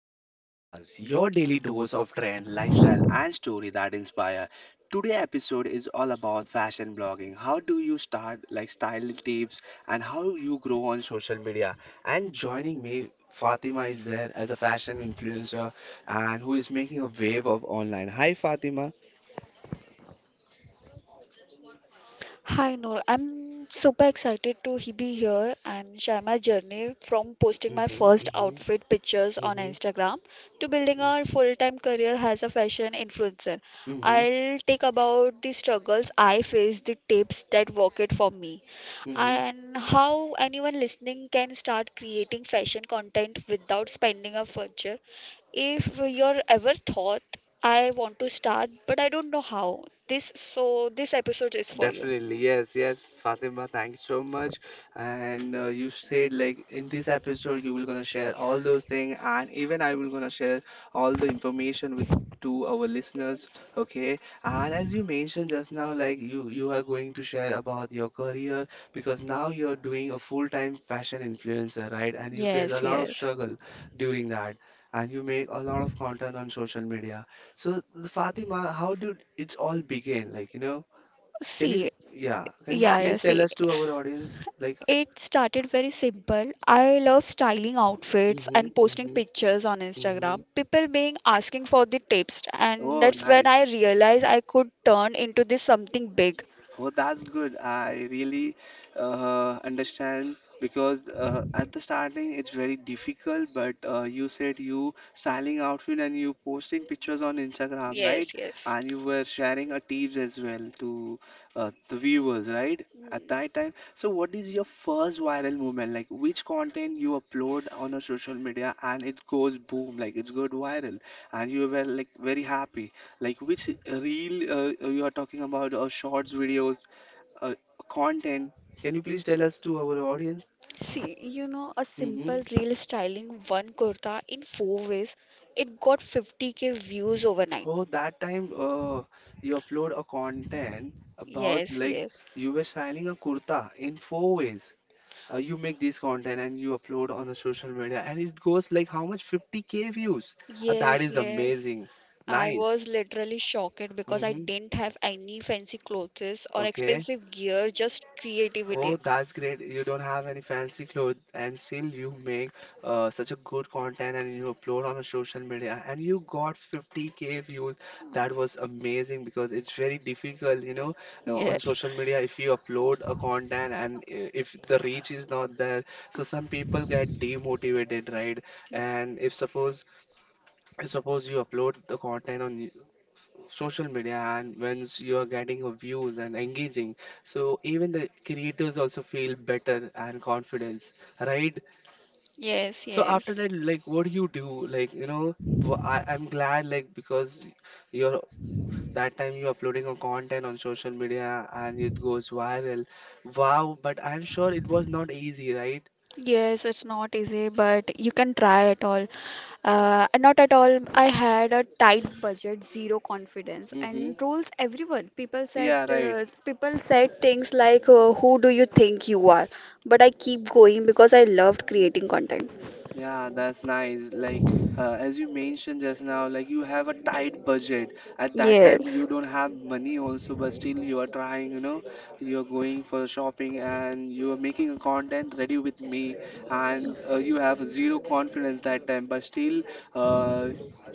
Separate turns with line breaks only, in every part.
Bus Podcast, your daily dose of trend, lifestyle, and story that inspire. Today episode is all about fashion blogging. How do you start, like style tips, and how you grow on social media. And joining me, Fatima is there as a fashion influencer and who is making a wave of online. Hi, Fatima.
Hi Noor, I'm super excited to be here and share my journey from posting my
Mm-hmm,
first
mm-hmm,
outfit pictures on
mm-hmm,
Instagram to building a full-time career as a fashion influencer.
mm-hmm,
I'll take about the struggles I faced, the tips that work it for me,
mm-hmm.
and how anyone listening can start creating fashion content without spending a fortune. If you're ever thought I want to start but I don't know how, this episode is for you.
Definitely, yes, yes, Fatima, thanks so much. And you said like in this episode you will gonna share all those things, and even I will gonna share all the information with to our listeners. Okay, and as you mentioned just now, like you are going to share about your career because now you are doing a full-time fashion influencer, right? And you face a
Yes,
lot of
yes.
struggle during that. And you make a lot of content on social media. So, Fatima, how did it all begin? Like, you know? Can you,
See,
yeah, can you
yeah,
please tell
see,
us to our audience, like,
it started very simple. I love styling outfits
mm-hmm,
and posting
mm-hmm,
pictures on
mm-hmm.
Instagram. People being asking for the tips, and
Oh,
that's when I
nice.
realized I could turn into this something big.
Oh, that's good. I really understand because at the starting it's very difficult, but you said you styling outfit and you posting pictures on Instagram, right?
Yes, yes.
And you were sharing a tips as well to the viewers, right? At
Mm.
that time. So what is your first viral moment? Like which content you upload on a social media and it goes boom, like it's good viral and you were like very happy. Like which reel you are talking about, or shorts videos, uh, content? Can you please tell us to our audience?
See, you know, a
Mm-hmm.
simple reel styling one kurta in four ways, it got 50K views overnight.
Oh, that time you upload a content about
Yes,
like
yes.
you were styling a kurta in four ways. You make this content and you upload on the social media, and it goes like how much? 50k views. That
Yes,
is
yes.
amazing.
I
Nice.
was literally shocked because I
Mm-hmm.
didn't have any fancy clothes or
Okay.
expensive gear, just creativity.
Oh, that's great. You don't have any fancy clothes, and still you make such a good content and you upload on a social media, and you got 50k views. That was amazing because it's very difficult, you know, on
Yes.
social media if you upload a content and if the reach is not there. So some people get demotivated, right? And if suppose you upload the content on social media and once you are getting a views and engaging, so even the creators also feel better and confidence, right?
Yes,
So after
yes.
that, like what do you do, like you know, I, I'm glad like because you're that time you're uploading a content on social media and it goes viral. Wow, but I'm sure it was not easy, right?
Yes, it's not easy, but you can try at all. Not at all. I had a tight budget, zero confidence, and
Mm-hmm,
trolls everyone.
yeah, right.
People said things like, "Who do you think you are?" But I keep going because I loved creating content.
Yeah, that's nice. Like, as you mentioned just now, like you have a tight budget. At that time,
Yes.
you don't have money also, but still you are trying, you know, you're going for shopping and you are making a content ready with me, and you have zero confidence that time, but still, uh,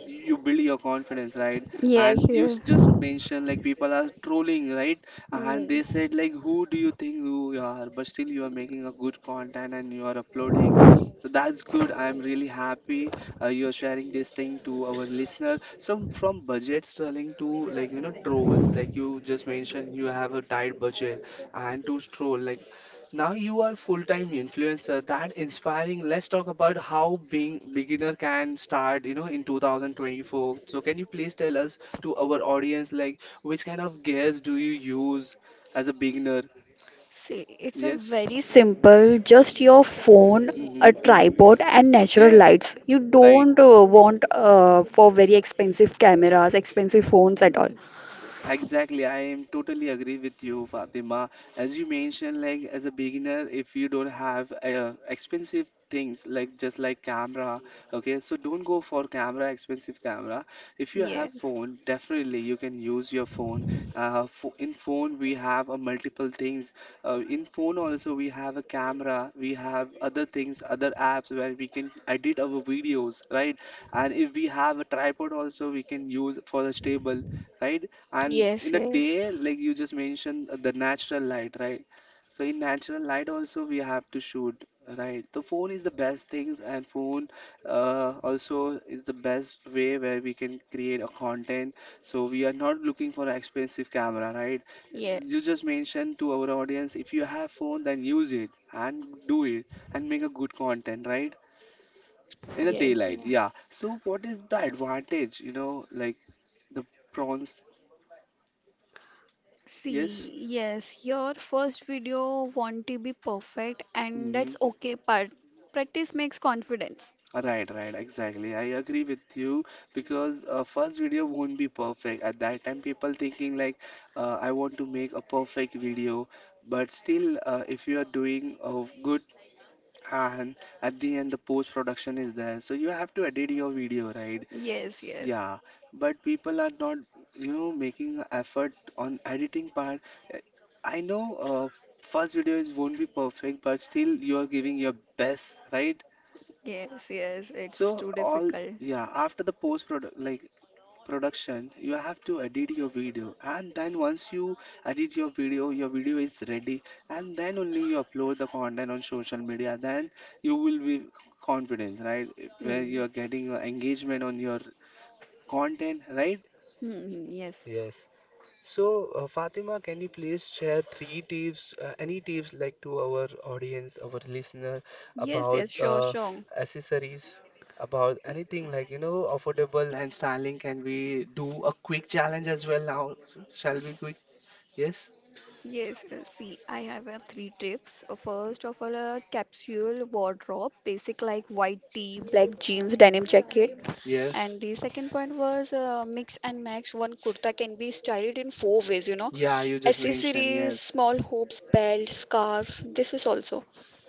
you build your confidence, right?
Yes.
And you
Yes.
just mentioned like people are trolling, right? And they
Mm.
said like, who do you think who you are? But still, you are making a good content and you are uploading, so that's good. I'm really happy you're sharing this thing to our listener. So from budget trolling to like, you know, trolls, like you just mentioned, you have a tight budget, and to troll like now you are full-time influencer. That inspiring. Let's talk about how being beginner can start. You know, in 2024. So can you please tell us to our audience like which kind of gears do you use as a beginner?
See, it's a
Yes.
very simple, just your phone, a
Mm-hmm. Mm-hmm.
tripod, and natural
Yes.
lights. You
Right.
don't want for very expensive cameras, expensive phones at all.
Exactly, I am totally agree with you, Fatima. As you mentioned, like as a beginner, if you don't have expensive things like just like camera, okay, so don't go for camera, expensive camera. If you have
Yes,
phone, definitely you can use your phone. In phone we have a multiple things. In phone also we have a camera, we have other things, other apps where we can edit our videos, right? And if we have a tripod also, we can use for the stable, right? And
yes,
in a
yes,
day, like you just mentioned, the natural light, right? So in natural light also we have to shoot, right? The phone is the best thing, and phone also is the best way where we can create a content. So we are not looking for an expensive camera, right? You
yes,
just mentioned to our audience, if you have phone, then use it and do it and make a good content, right? In a
yes,
daylight,
yeah.
yeah. So what is the advantage, you know, like the prawns? Yes.
See, yes, your first video want to be perfect, and that's
Mhm.
okay part. Practice makes confidence.
Right, right, exactly. I agree with you because first video won't be perfect. At that time, people thinking like, I want to make a perfect video, but still, if you are doing good and at the end the post production is there, so you have to edit your video, right?
Yes, yes,
Yeah, but people are not, you know, making a effort on editing part. Uh, I know first video is won't be perfect, but still you are giving your best, right?
yes, yes. It's
So
too
all
difficult.
yeah, after the post product like production, you have to edit your video and then once you edit your video is ready and then only you upload the content on social media. Then you will be confident, right? Where
Hmm.
you are getting engagement on your content, right?
Hmm. Yes.
Yes. So, Fatima, can you please share three tips, any tips like to our audience, our listener
Yes.
about
Yes. Sure. Sure.
accessories, about anything like, you know, affordable and styling? Can we do a quick challenge as well now? Shall we quick? Yes?
Yes, see, I have three tips. First of all, a capsule wardrobe, basic like white tee, black jeans, denim jacket.
Yes.
And the second point was mix and match. One kurta can be styled in four ways, you know,
Yeah, you just mentioned.
accessories,
Yes.
small hoops, belt, scarf. This is also.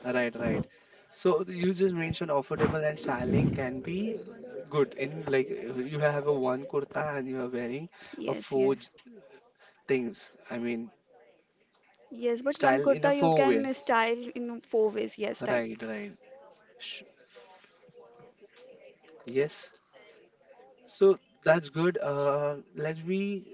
Right, right. So you just mentioned affordable and styling can be good in like you have a one kurta and you are wearing a
Yes,
four
yes.
j- things. I mean,
Yes, but one
style in a
kurta you
four way.
can style in four ways. Yes, right.
Right, right. Sh- Yes. So that's good. Let me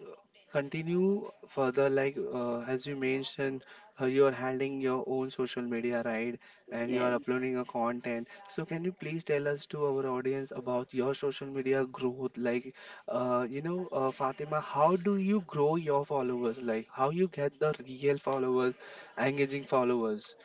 continue further. Like as you mentioned, you are handling your own social media, right? And you are
Yes.
uploading your content. So can you please tell us to our audience about your social media growth? Like, you know, Fatima, how do you grow your followers? Like, how you get the real followers, engaging followers?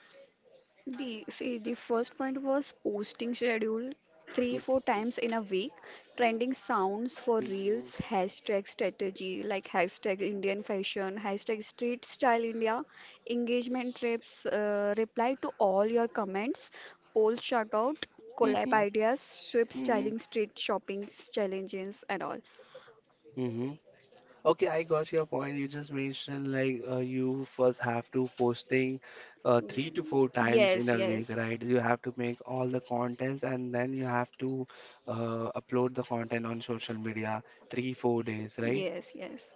The first point was posting schedule 3 4
Mm-hmm.
times in a week, trending sounds for reels, hashtag strategy like hashtag Indian fashion, hashtag street style India, engagement reps, reply to all your comments, poll shout out, collab
Mm-hmm.
ideas, sweep
Mm-hmm.
styling, street shopping challenges and all.
Mm-hmm. Okay, I got your point. You just mentioned like you first have to posting three to
Mm,
four times in
yes,
a week,
yes,
right? You have to make all the contents and then you have to upload the content on social media three, 4 days, right?
yes, yes.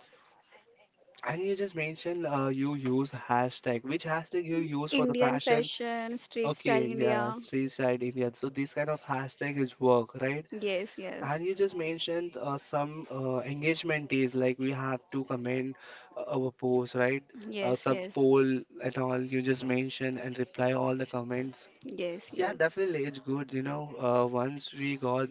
And you just mentioned you use hashtag. Which hashtag you use for the
Indian
fashion?
fashion, street style
Okay, yeah,
India.
street side India. So this kind of hashtag is work, right?
Yes, yes.
And you just mentioned some engagement is like we have to comment our post, right?
Yes,
Some
yes,
poll and all you just mentioned and reply all the comments.
yes,
Yeah,
yes,
definitely it's good, you know. Once we got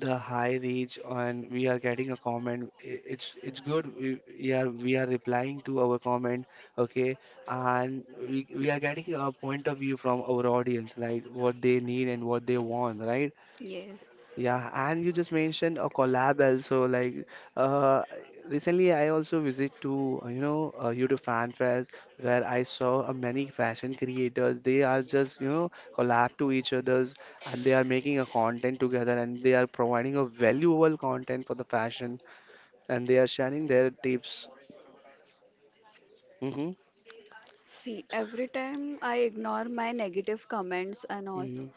the high reach and we are getting a comment, it's good. We are replying to our comment, okay, and we are getting a point of view from our audience, like what they need and what they want, right?
yes.
Yeah, and you just mentioned a collab also. Like uh, recently, I also visit to YouTube Fan Fest where I saw many fashion creators. They are just, you know, collab to each others, and they are making a content together, and they are providing a valuable content for the fashion, and they are sharing their tips. Mm-hmm.
See, every time I ignore my negative comments and all.
Mm-hmm.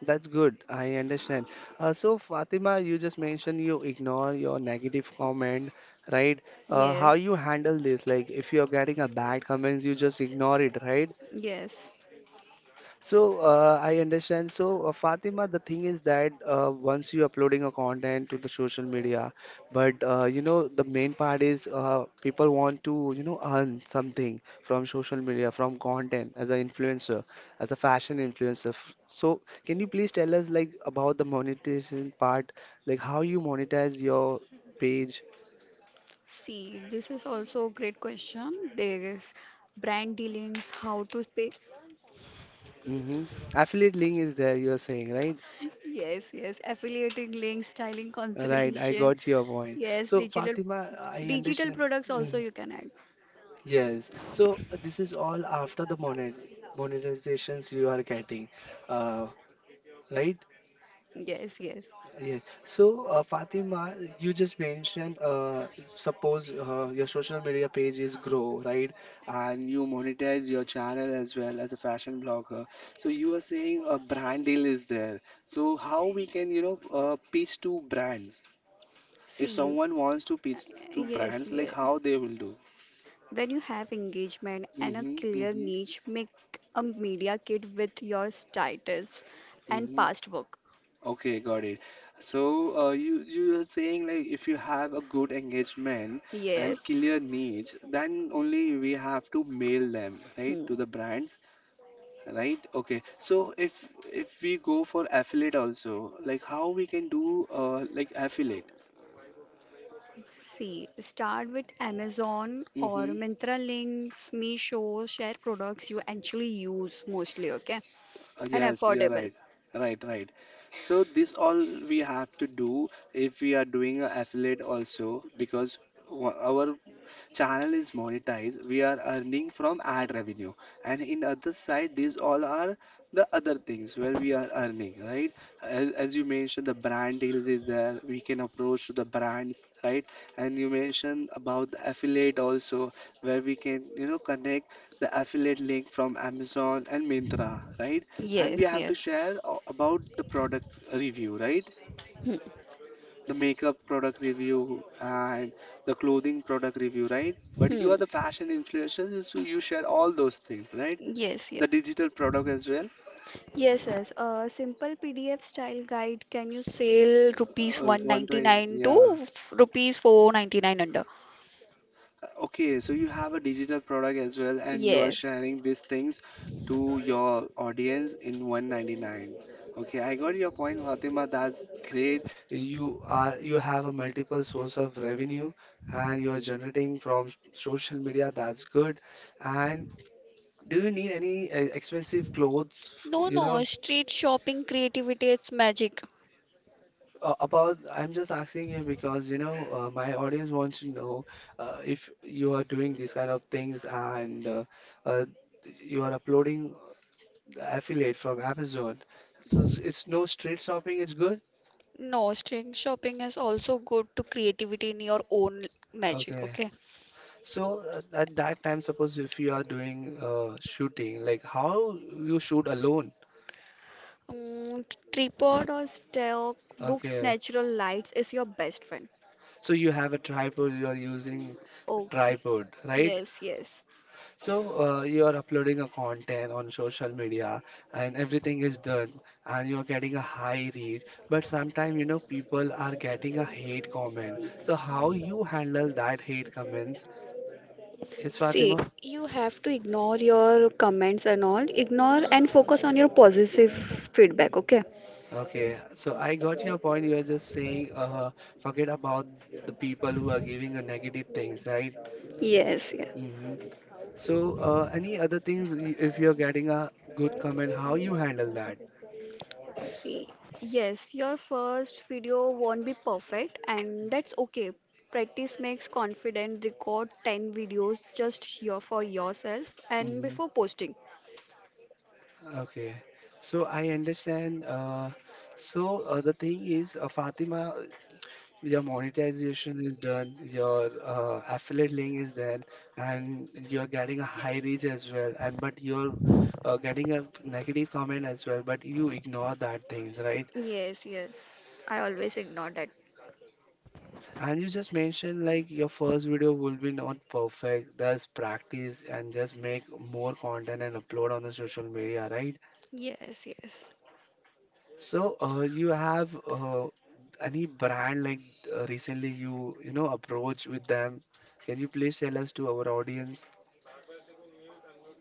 That's good. I understand.
Uh,
So, Fatima, you just mentioned you ignore your negative comment, right? How
yes,
you handle this? Like, if you're getting a bad comments, you just ignore it, right?
yes.
So I understand. So Fatima, the thing is that once you're uploading a content to the social media, but you know the main part is people want to, you know, earn something from social media, from content as an influencer, as a fashion influencer. So can you please tell us like about the monetization part, like how you monetize your page?
See, this is also a great question. There is brand dealings, how to pay.
Hmm. Affiliate link is there, you're saying, right?
Yes, yes. Affiliating links, styling
Right, I
consolidation.
got your point.
Yes,
So
digital
Fatima, I
digital
understand.
products also
Mm-hmm.
you can add.
Yes. So this is all after the monetizations you are getting, uh, right?
Yes, yes.
Yes. So Fatima, you just mentioned suppose your social media page is grow, right? And you monetize your channel as well as a fashion blogger. So you are saying a brand deal is there. So how we can, you know, pitch to brands? If
See,
someone wants to
uh,
pitch to
yes,
brands, like
yes.
how they will do?
When you have engagement and a
Mm-hmm,
clear
mm-hmm,
niche, make a media kit with your status and
mm-hmm.
past work.
Okay, got it. So, you are saying like if you have a good engagement and
Yes.
clear needs, then only we have to mail them, right,
Hmm.
to the brands, right? Okay. So if we go for affiliate also, like how we can do like affiliate?
See, start with Amazon or
Mm-hmm.
Myntra links, Meesho, share products you actually use mostly, okay? And
Yes, you're
affordable.
right. Right, right. So this all we have to do if we are doing a affiliate also because our channel is monetized. We are earning from ad revenue, and in other side, these all are the other things where we are earning, right? As you mentioned, the brand deals is there. We can approach to the brands, right? And you mentioned about the affiliate also, where we can connect the affiliate link from Amazon and Myntra, right? And we
Yes,
have to
yes.
share about the product review, right?
Hmm.
The makeup product review and the clothing product review, right? But you are
Hmm.
the fashion influencers, so you share all those things, right?
Yes,
The
yes.
digital product as well.
Yes, yes. A simple PDF style guide can you sell rupees
120,
199 to
yeah.
rupees 499 under?
Okay, so you have a digital product as well, and you are
Yes.
sharing these things to your audience in 199. Okay, I got your point, Fatima. That's great. You have a multiple source of revenue, and you're generating from social media. That's good. And do you need any expensive clothes?
No,
You
no,
know,
street shopping creativity it's magic.
about, I'm just asking you because my audience wants to know if you are doing these kind of things and uh, you are uploading the affiliate from Amazon. So it's no street shopping, it's good?
No, street shopping is also good to creativity in your own magic,
Okay.
okay?
So at that time, suppose if you are doing shooting, like how you shoot alone?
Mm, tripod or stock, books,
Okay.
natural lights is your best friend.
So you have a tripod, you are using
Okay.
tripod, right?
Yes, yes.
So, you are uploading a content on social media and everything is done and you are getting a high reach, but sometimes people are getting a hate comment. So, how you handle that hate comments? Yes,
See,
Fatima?
you have to ignore your comments and all. Ignore and focus on your positive feedback, okay?
Okay, so I got your point. You're just saying, forget about the people who are giving a negative things, right?
Yes, yes.
Mm-hmm. So, any other things if you're getting a good comment, how you handle that?
See, yes, your first video won't be perfect, and that's okay. Practice makes confident. Record 10 videos just here for yourself and
Mm-hmm.
before posting.
Okay, so I understand. So the thing is, Fatima, your monetization is done, your affiliate link is done, and you're getting a high reach as well. And but you're getting a negative comment as well, but you ignore that things, right?
Yes, yes. I always ignore that.
And you just mentioned like your first video will be not perfect. There's practice and just make more content and upload on the social media, right?
Yes, yes.
So, you have any brand like recently you you know approach with them? Can you please tell us to our audience?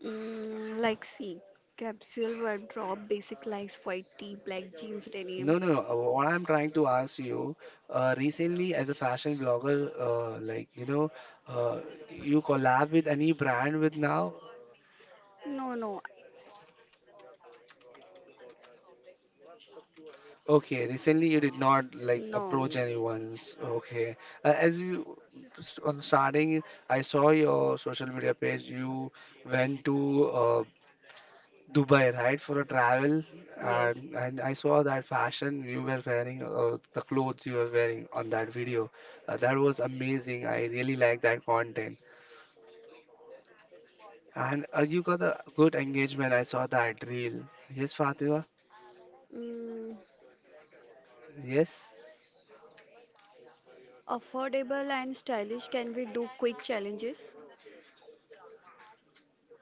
Mm, like, see, capsule wardrobe, basic likes, white tee, black jeans, denim.
No, no, no. What I'm trying to ask you, recently as a fashion blogger, like uh, you collab with any brand with now?
No, no,
Okay, recently you did not like
no.
approach anyone's. Okay, as you st on starting, I saw your social media page. You went to uh, Dubai, right, for a travel,
Yes.
and I saw that fashion you were wearing, the clothes you were wearing on that video. That was amazing. I really like that content, and you got a good engagement. I saw that reel. Yes, Fatima.
Mm,
Yes,
affordable and stylish. Can we do quick challenges?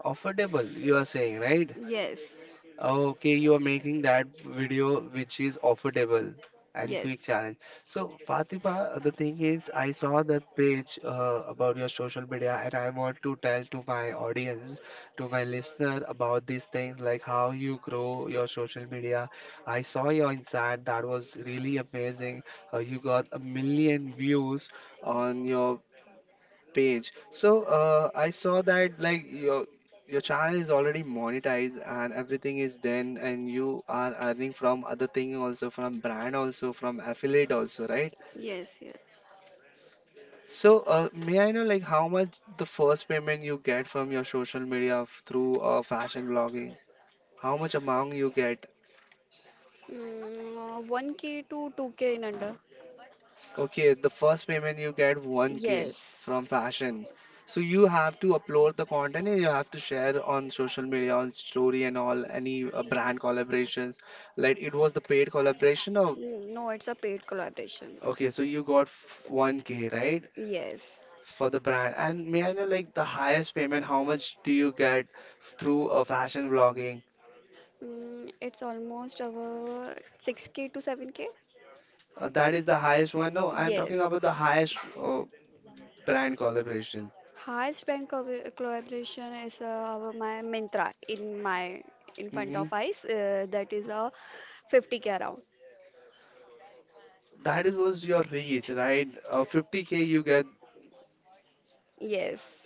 affordable. You are saying, right?
Yes.
Okay, you are making that video which is affordable and
Yes,
quick challenge. So, Fatima, the thing is, I saw that page about your social media, and I want to tell to my audience, to my listener about these things, like how you grow your social media. I saw your insight, that was really amazing. You got a million views on your page. So I saw that like your channel is already monetized and everything is then and you are earning from other thing also from brand also from affiliate also, right?
yes, yes.
So may I know like how much the first payment you get from your social media through fashion blogging? How much amount you get?
Mm, 1K to 2K in under.
Okay, the first payment you get 1K
Yes.
from fashion. So you have to upload the content and you have to share on social media, on story and all, any brand collaborations. Like it was the paid collaboration of,
Mm, no, it's a paid collaboration.
okay, so you got 1K, right?
Yes.
For the brand. And may I know like the highest payment, how much do you get through a fashion vlogging?
Mm, it's almost our 6K to 7K.
That is the highest one. No, I'm talking
Yes.
about the highest brand collaboration.
Collaboration is our my Myntra in my in front of
Mm-hmm.
eyes. That is a 50K around.
That is was your reach, right? 50K you get,
Yes.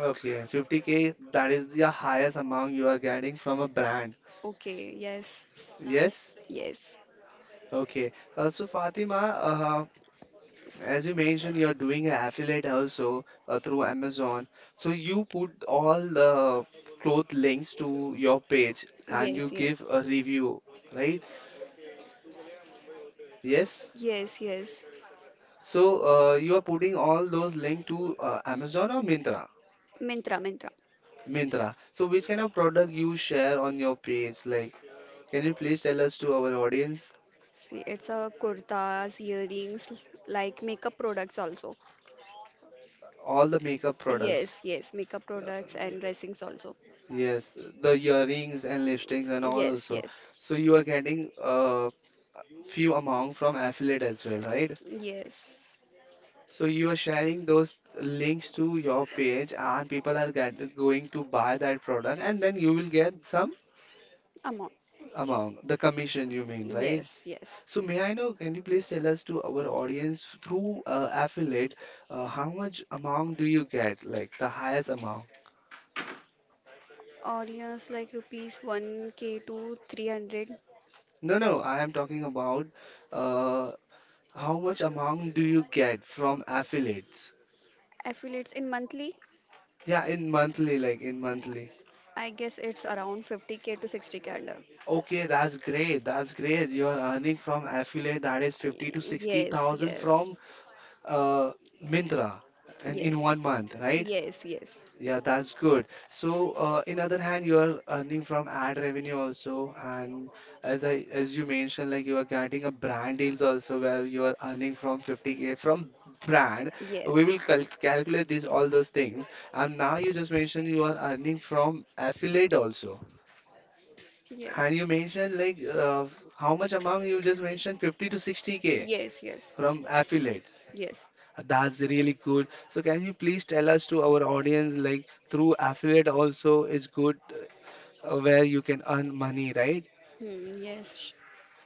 okay, 50K that is the highest amount you are getting from a brand.
Okay, yes,
Yes?
yes.
Okay. So Fatima, as you mentioned, you're doing an affiliate also through Amazon. So you put all the cloth links to your page and you
Yes,
give
yes.
a review, right? Yes?
yes, yes.
So you are putting all those links to Amazon or Myntra?
Myntra, Myntra.
Mintra. So which kind of product you share on your page? Like, can you please tell us to our audience
See, it's a kurtas, earrings, like makeup products also.
all the makeup products?
Yes, yes, makeup products and dressings also.
Yes, the earrings and lipsticks and all
Yes,
also.
yes,
So you are getting few amount from affiliate as well, right?
yes.
So you are sharing those links to your page and people are going to buy that product and then you will get some
Amount.
amount, the commission you mean, right?
Yes, yes.
So may I know, can you please tell us to our audience through affiliate, how much amount do you get? Like the highest amount?
Audience like rupees 1K to 300.
No, no, I am talking about uh, how much amount do you get from affiliates?
Affiliates in monthly,
Yeah, in monthly, like in monthly.
I guess it's around 50K to 60K under.
Okay, that's great. That's great. You are earning from affiliate that is 50 to
Y- yes,
60,000
yes,
from uh, Myntra and in
yes,
one month, right?
yes, yes,
Yeah, that's good. So, in other hand, you are earning from ad revenue also, and as you mentioned, like you are getting a brand deals also where you are earning from 50K from brand. We
yes,
will calculate this all those things. And now you just mentioned you are earning from affiliate also,
yes,
and you mentioned like how much amount you just mentioned 50 to 60K
yes, yes,
from affiliate.
yes.
That's really good. So can you please tell us to our audience like through affiliate also is good where you can earn money, right?
Hmm, yes,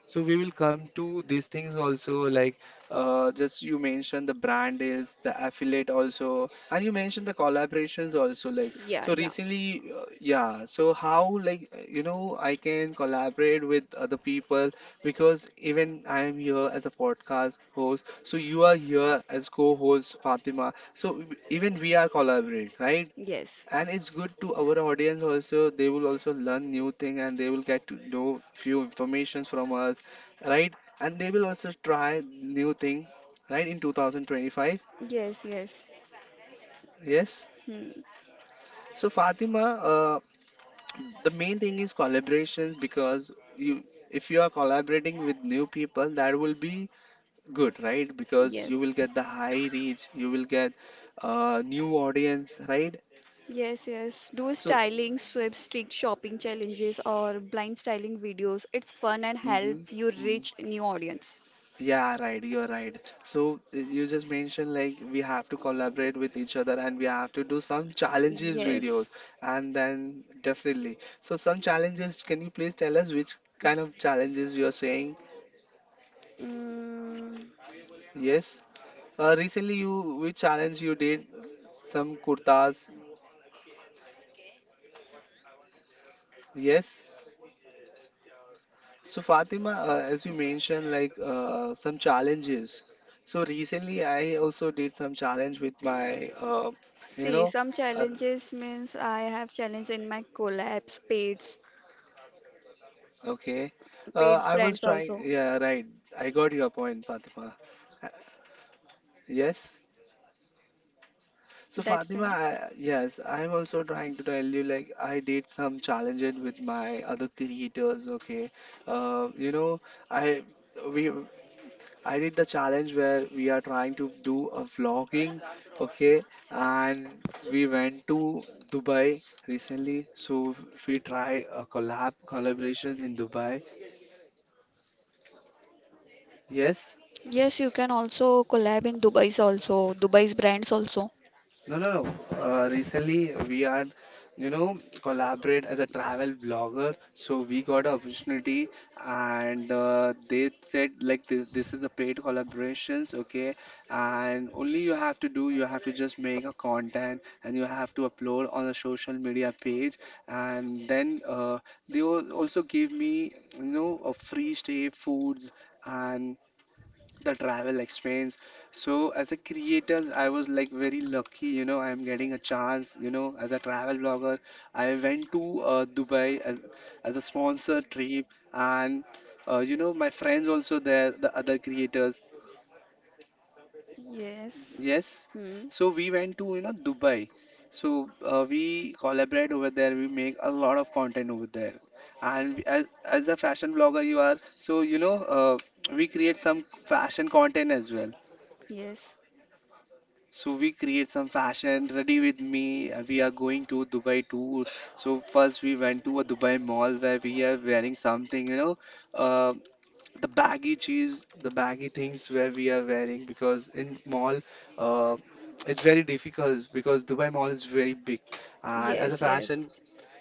So we will come to these things also, like just you mentioned the brand is the affiliate also, and you mentioned the collaborations also. Like
yeah,
so
yeah.
recently, yeah. So how like I can collaborate with other people because even I am here as a podcast host. So you are here as co-host, Fatima. So even we are collaborating, right?
Yes,
And it's good to our audience also. They will also learn new thing and they will get to know few informations from us, right? And they will also try new thing, right, in 2025.
yes, yes.
Yes.
Hmm.
So, Fatima, uh, the main thing is collaborations because you if you are collaborating with new people, that will be good, right? Because you
Yes,
will get the high reach. You will get new audience, right?
yes, yes. Do
So,
styling, sweep, streak shopping challenges, or blind styling videos. It's fun and help
mm-hmm,
you
mm-hmm.
reach new audience.
Yeah, right. You're right. So you just mentioned like we have to collaborate with each other and we have to do some challenges videos
Yes.
and then definitely. So some challenges, can you please tell us which kind of challenges you are saying?
Mm.
Yes. Recently you which challenge you did? Some kurtas. Yes. So, Fatima, as you mentioned like some challenges. So recently I also did some challenge with my you
See,
know
some
uh,
challenges means I have challenge in my collabs, paids,
Okay.
paids
I was
brands
trying,
also.
yeah, right. I got your point, Fatima. Uh, Yes. So,
That's
Fatima,
it.
yes, I'm also trying to tell you, like, I did some challenges with my other creators, okay? Uh, you know, I we I did the challenge where we are trying to do a vlogging, okay? And we went to Dubai recently, so we try a collaboration in Dubai. Yes.
Yes, you can also collab in Dubai's also, Dubai's brands also.
No, no, no. Recently, we are collaborate as a travel blogger. So we got an opportunity, and they said like this is a paid collaborations, okay? And only you have to do, you have to just make a content, and you have to upload on a social media page, and then they also give me a free stay, foods. And the travel experience. So as a creators, I was like very lucky, I am getting a chance as a travel blogger. I went to Dubai as a sponsor trip and you know, my friends also there, the other creators.
Yes.
Yes.
Hmm.
So we went to, you know, Dubai. So we collaborate over there, we make a lot of content over there. As a fashion blogger you are, so you know, we create some fashion content as well.
Yes.
So we create some fashion. Ready with me. We are going to Dubai tour. So first we went to a Dubai mall where we are wearing something, you know, uh, the baggy cheese, the baggy things where we are wearing because in mall, uh, it's very difficult because Dubai mall is very big, and as a
Yes, yes.
fashion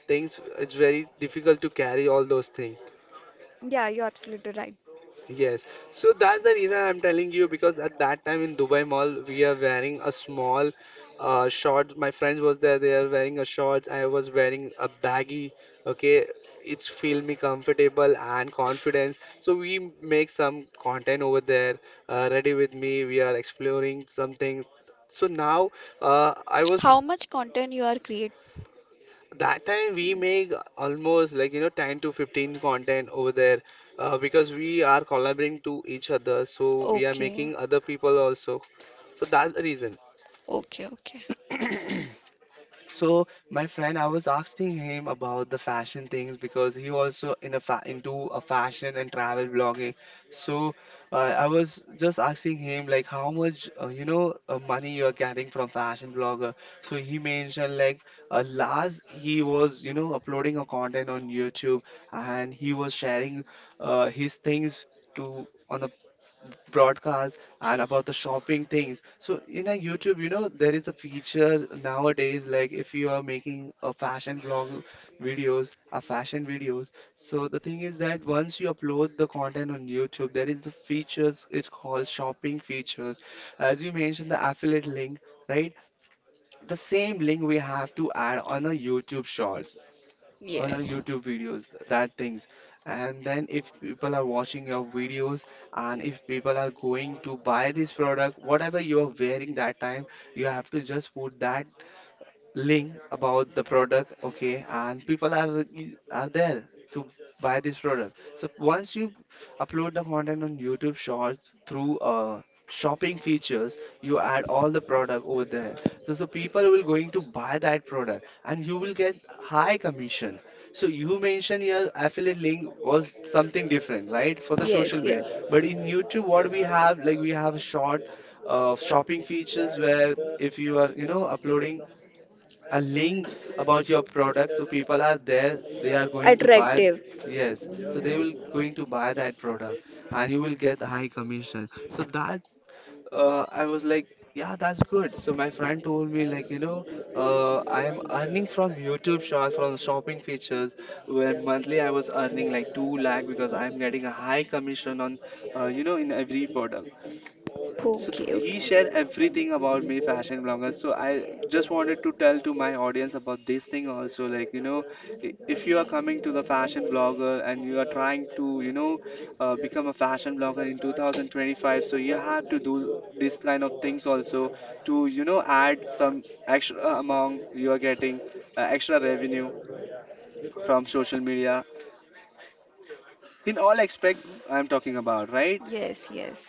things, it's very difficult to carry all those things.
Yeah, you're absolutely right.
Yes, so that's the reason I'm telling you because at that time in Dubai Mall, we are wearing a small short. My friends was there; they are wearing a shorts. I was wearing a baggy. Okay, it's feel me comfortable and confidence. So we make some content over there. Ready with me, we are exploring some things. So now, I was
How much content you are create?
that time we make almost like you know 10 to 15 content over there because we are collaborating to each other, so we are
Okay,
making other people also, so that's the reason.
okay, okay.
So my friend, I was asking him about the fashion things because he also in a fa into a fashion and travel blogging. So I was just asking him like how much you know money you are getting from fashion blogger. So he mentioned like last he was you know uploading a content on YouTube, and he was sharing his things to on the broadcasts and about the shopping things. So in a YouTube, you know, there is a feature nowadays like if you are making a fashion vlog videos, a fashion videos. So the thing is that once you upload the content on YouTube, there is the features. It's called shopping features. As you mentioned, the affiliate link. Right, the same link we have to add on a YouTube shorts, on our
Yes.
YouTube videos, that things. And then if people are watching your videos and if people are going to buy this product, whatever you are wearing that time, you have to just put that link about the product, okay, and people are there to buy this product. So once you upload the content on YouTube shorts through shopping features, you add all the product over there, so so people will going to buy that product and you will get high commission. So you mentioned your affiliate link was something different, right, for the
Yes,
social media,
yes.
but in YouTube, what we have like we have a short shopping features where if you are you know uploading a link about your product, so people are there, they are going to buy.
Attractive.
Yes, so they will going to buy that product and you will get high commission. So that I was like, yeah, that's good. So my friend told me like, you know, I am earning from YouTube shots from shopping features where monthly I was earning like 2 lakh, because I am getting a high commission on you know in every product. So
Okay, okay.
he shared everything about me, fashion bloggers. So I just wanted to tell to my audience about this thing also. Like, you know, if you are coming to the fashion blogger and you are trying to, you know, become a fashion blogger in 2025, so you have to do this kind of things also to, you know, add some extra amount you are getting, extra revenue from social media, in all aspects I'm talking about, right?
Yes, yes.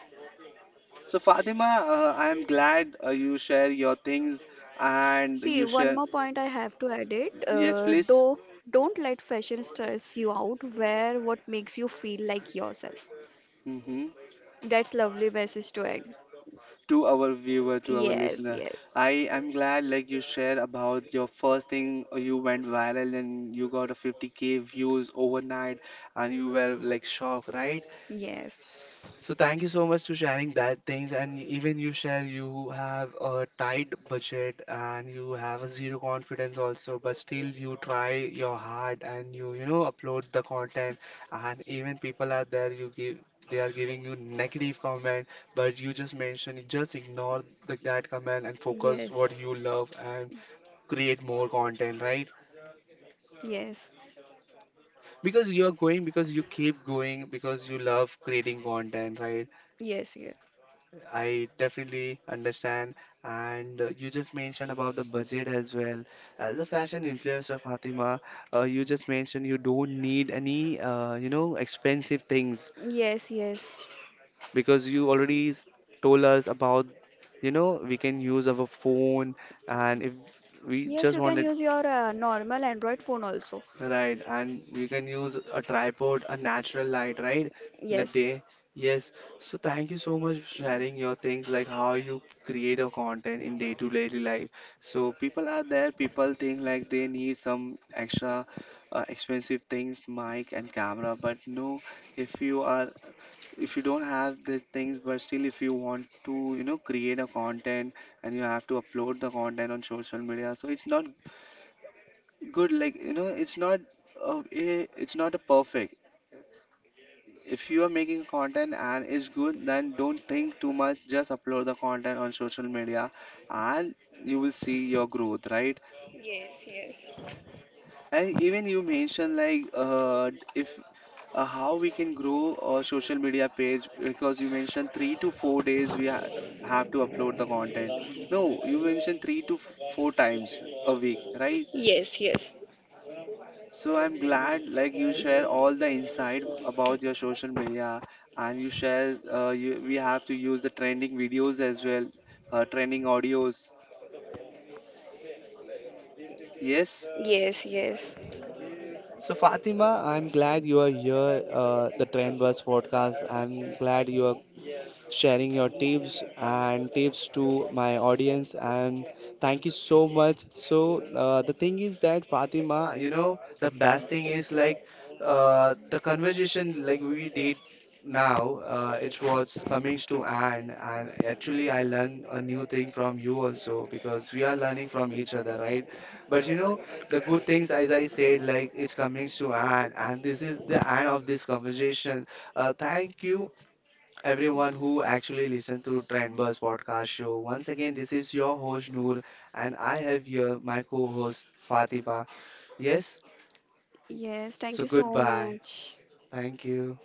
So Fatima, I am glad you share your things and
See,
you
one
share.
more point I have to add it.
Yes, please.
Do don't let fashion stress you out. Wear what makes you feel like yourself.
Hmm.
That's lovely message to end.
To our viewer, to our
Yes,
listener,
yes,
I am glad like you share about your first thing, you went viral and you got a 50K views overnight and you were like shocked, right?
yes,
So thank you so much to sharing that things, and even you share you have a tight budget and you have a zero confidence also, but still you try your hard and you know upload the content. And even people are there, you give, they are giving you negative comment, but you just mention just ignore the, that comment and
yes,
focus what
yes,
you love and create more content, right?
yes,
Because you are going, because you keep going, because you love creating content, right?
yes,
I definitely understand. And you just mentioned about the budget as well. As a fashion influencer, Fatima, you just mentioned you don't need any, you know, expensive things,
yes, yes.
because you already told us about, you know, we can use our phone, and if we
Yes, you
just
can
wanted.
use your normal Android phone also.
Right, and you can use a tripod, a natural light, right? In a
Yes.
day. Yes. So thank you so much for sharing your things, like how you create your content in day-to-day life. So people are there, people think like they need some extra expensive things, mic and camera, but no, if you are, if you don't have these things, but still if you want to you know create a content and you have to upload the content on social media, so it's not good, like, you know, it's not a, eh, it's not a perfect. If you are making content and it's good, then don't think too much, just upload the content on social media, and you will see your growth, right?
Yes, yes.
And even you mentioned like, if how we can grow a social media page because you mentioned 3 to 4 days we ha have to upload the content. No, you mentioned three to four times a week, right?
Yes, yes.
So I'm glad like you share all the insight about your social media, and you share we have to use the trending videos as well, trending audios. Yes.
Yes, yes.
So Fatima, I'm glad you are here, the Trend Bus podcast. I'm glad you are sharing your tips and tips to my audience. And thank you so much. So, the thing is that, Fatima, you know, the best thing is like the conversation like we did now, it was coming to end. And actually, I learned a new thing from you also, because we are learning from each other, right? But you know, the good things, as I said, like it's coming to end, and this is the end of this conversation. Thank you everyone who actually listens to Trendbuzz podcast show. Once again, this is your host Noor, and I have here my co-host Fatima. Yes,
Yes, thank
so
you so
goodbye.
much.
Thank you.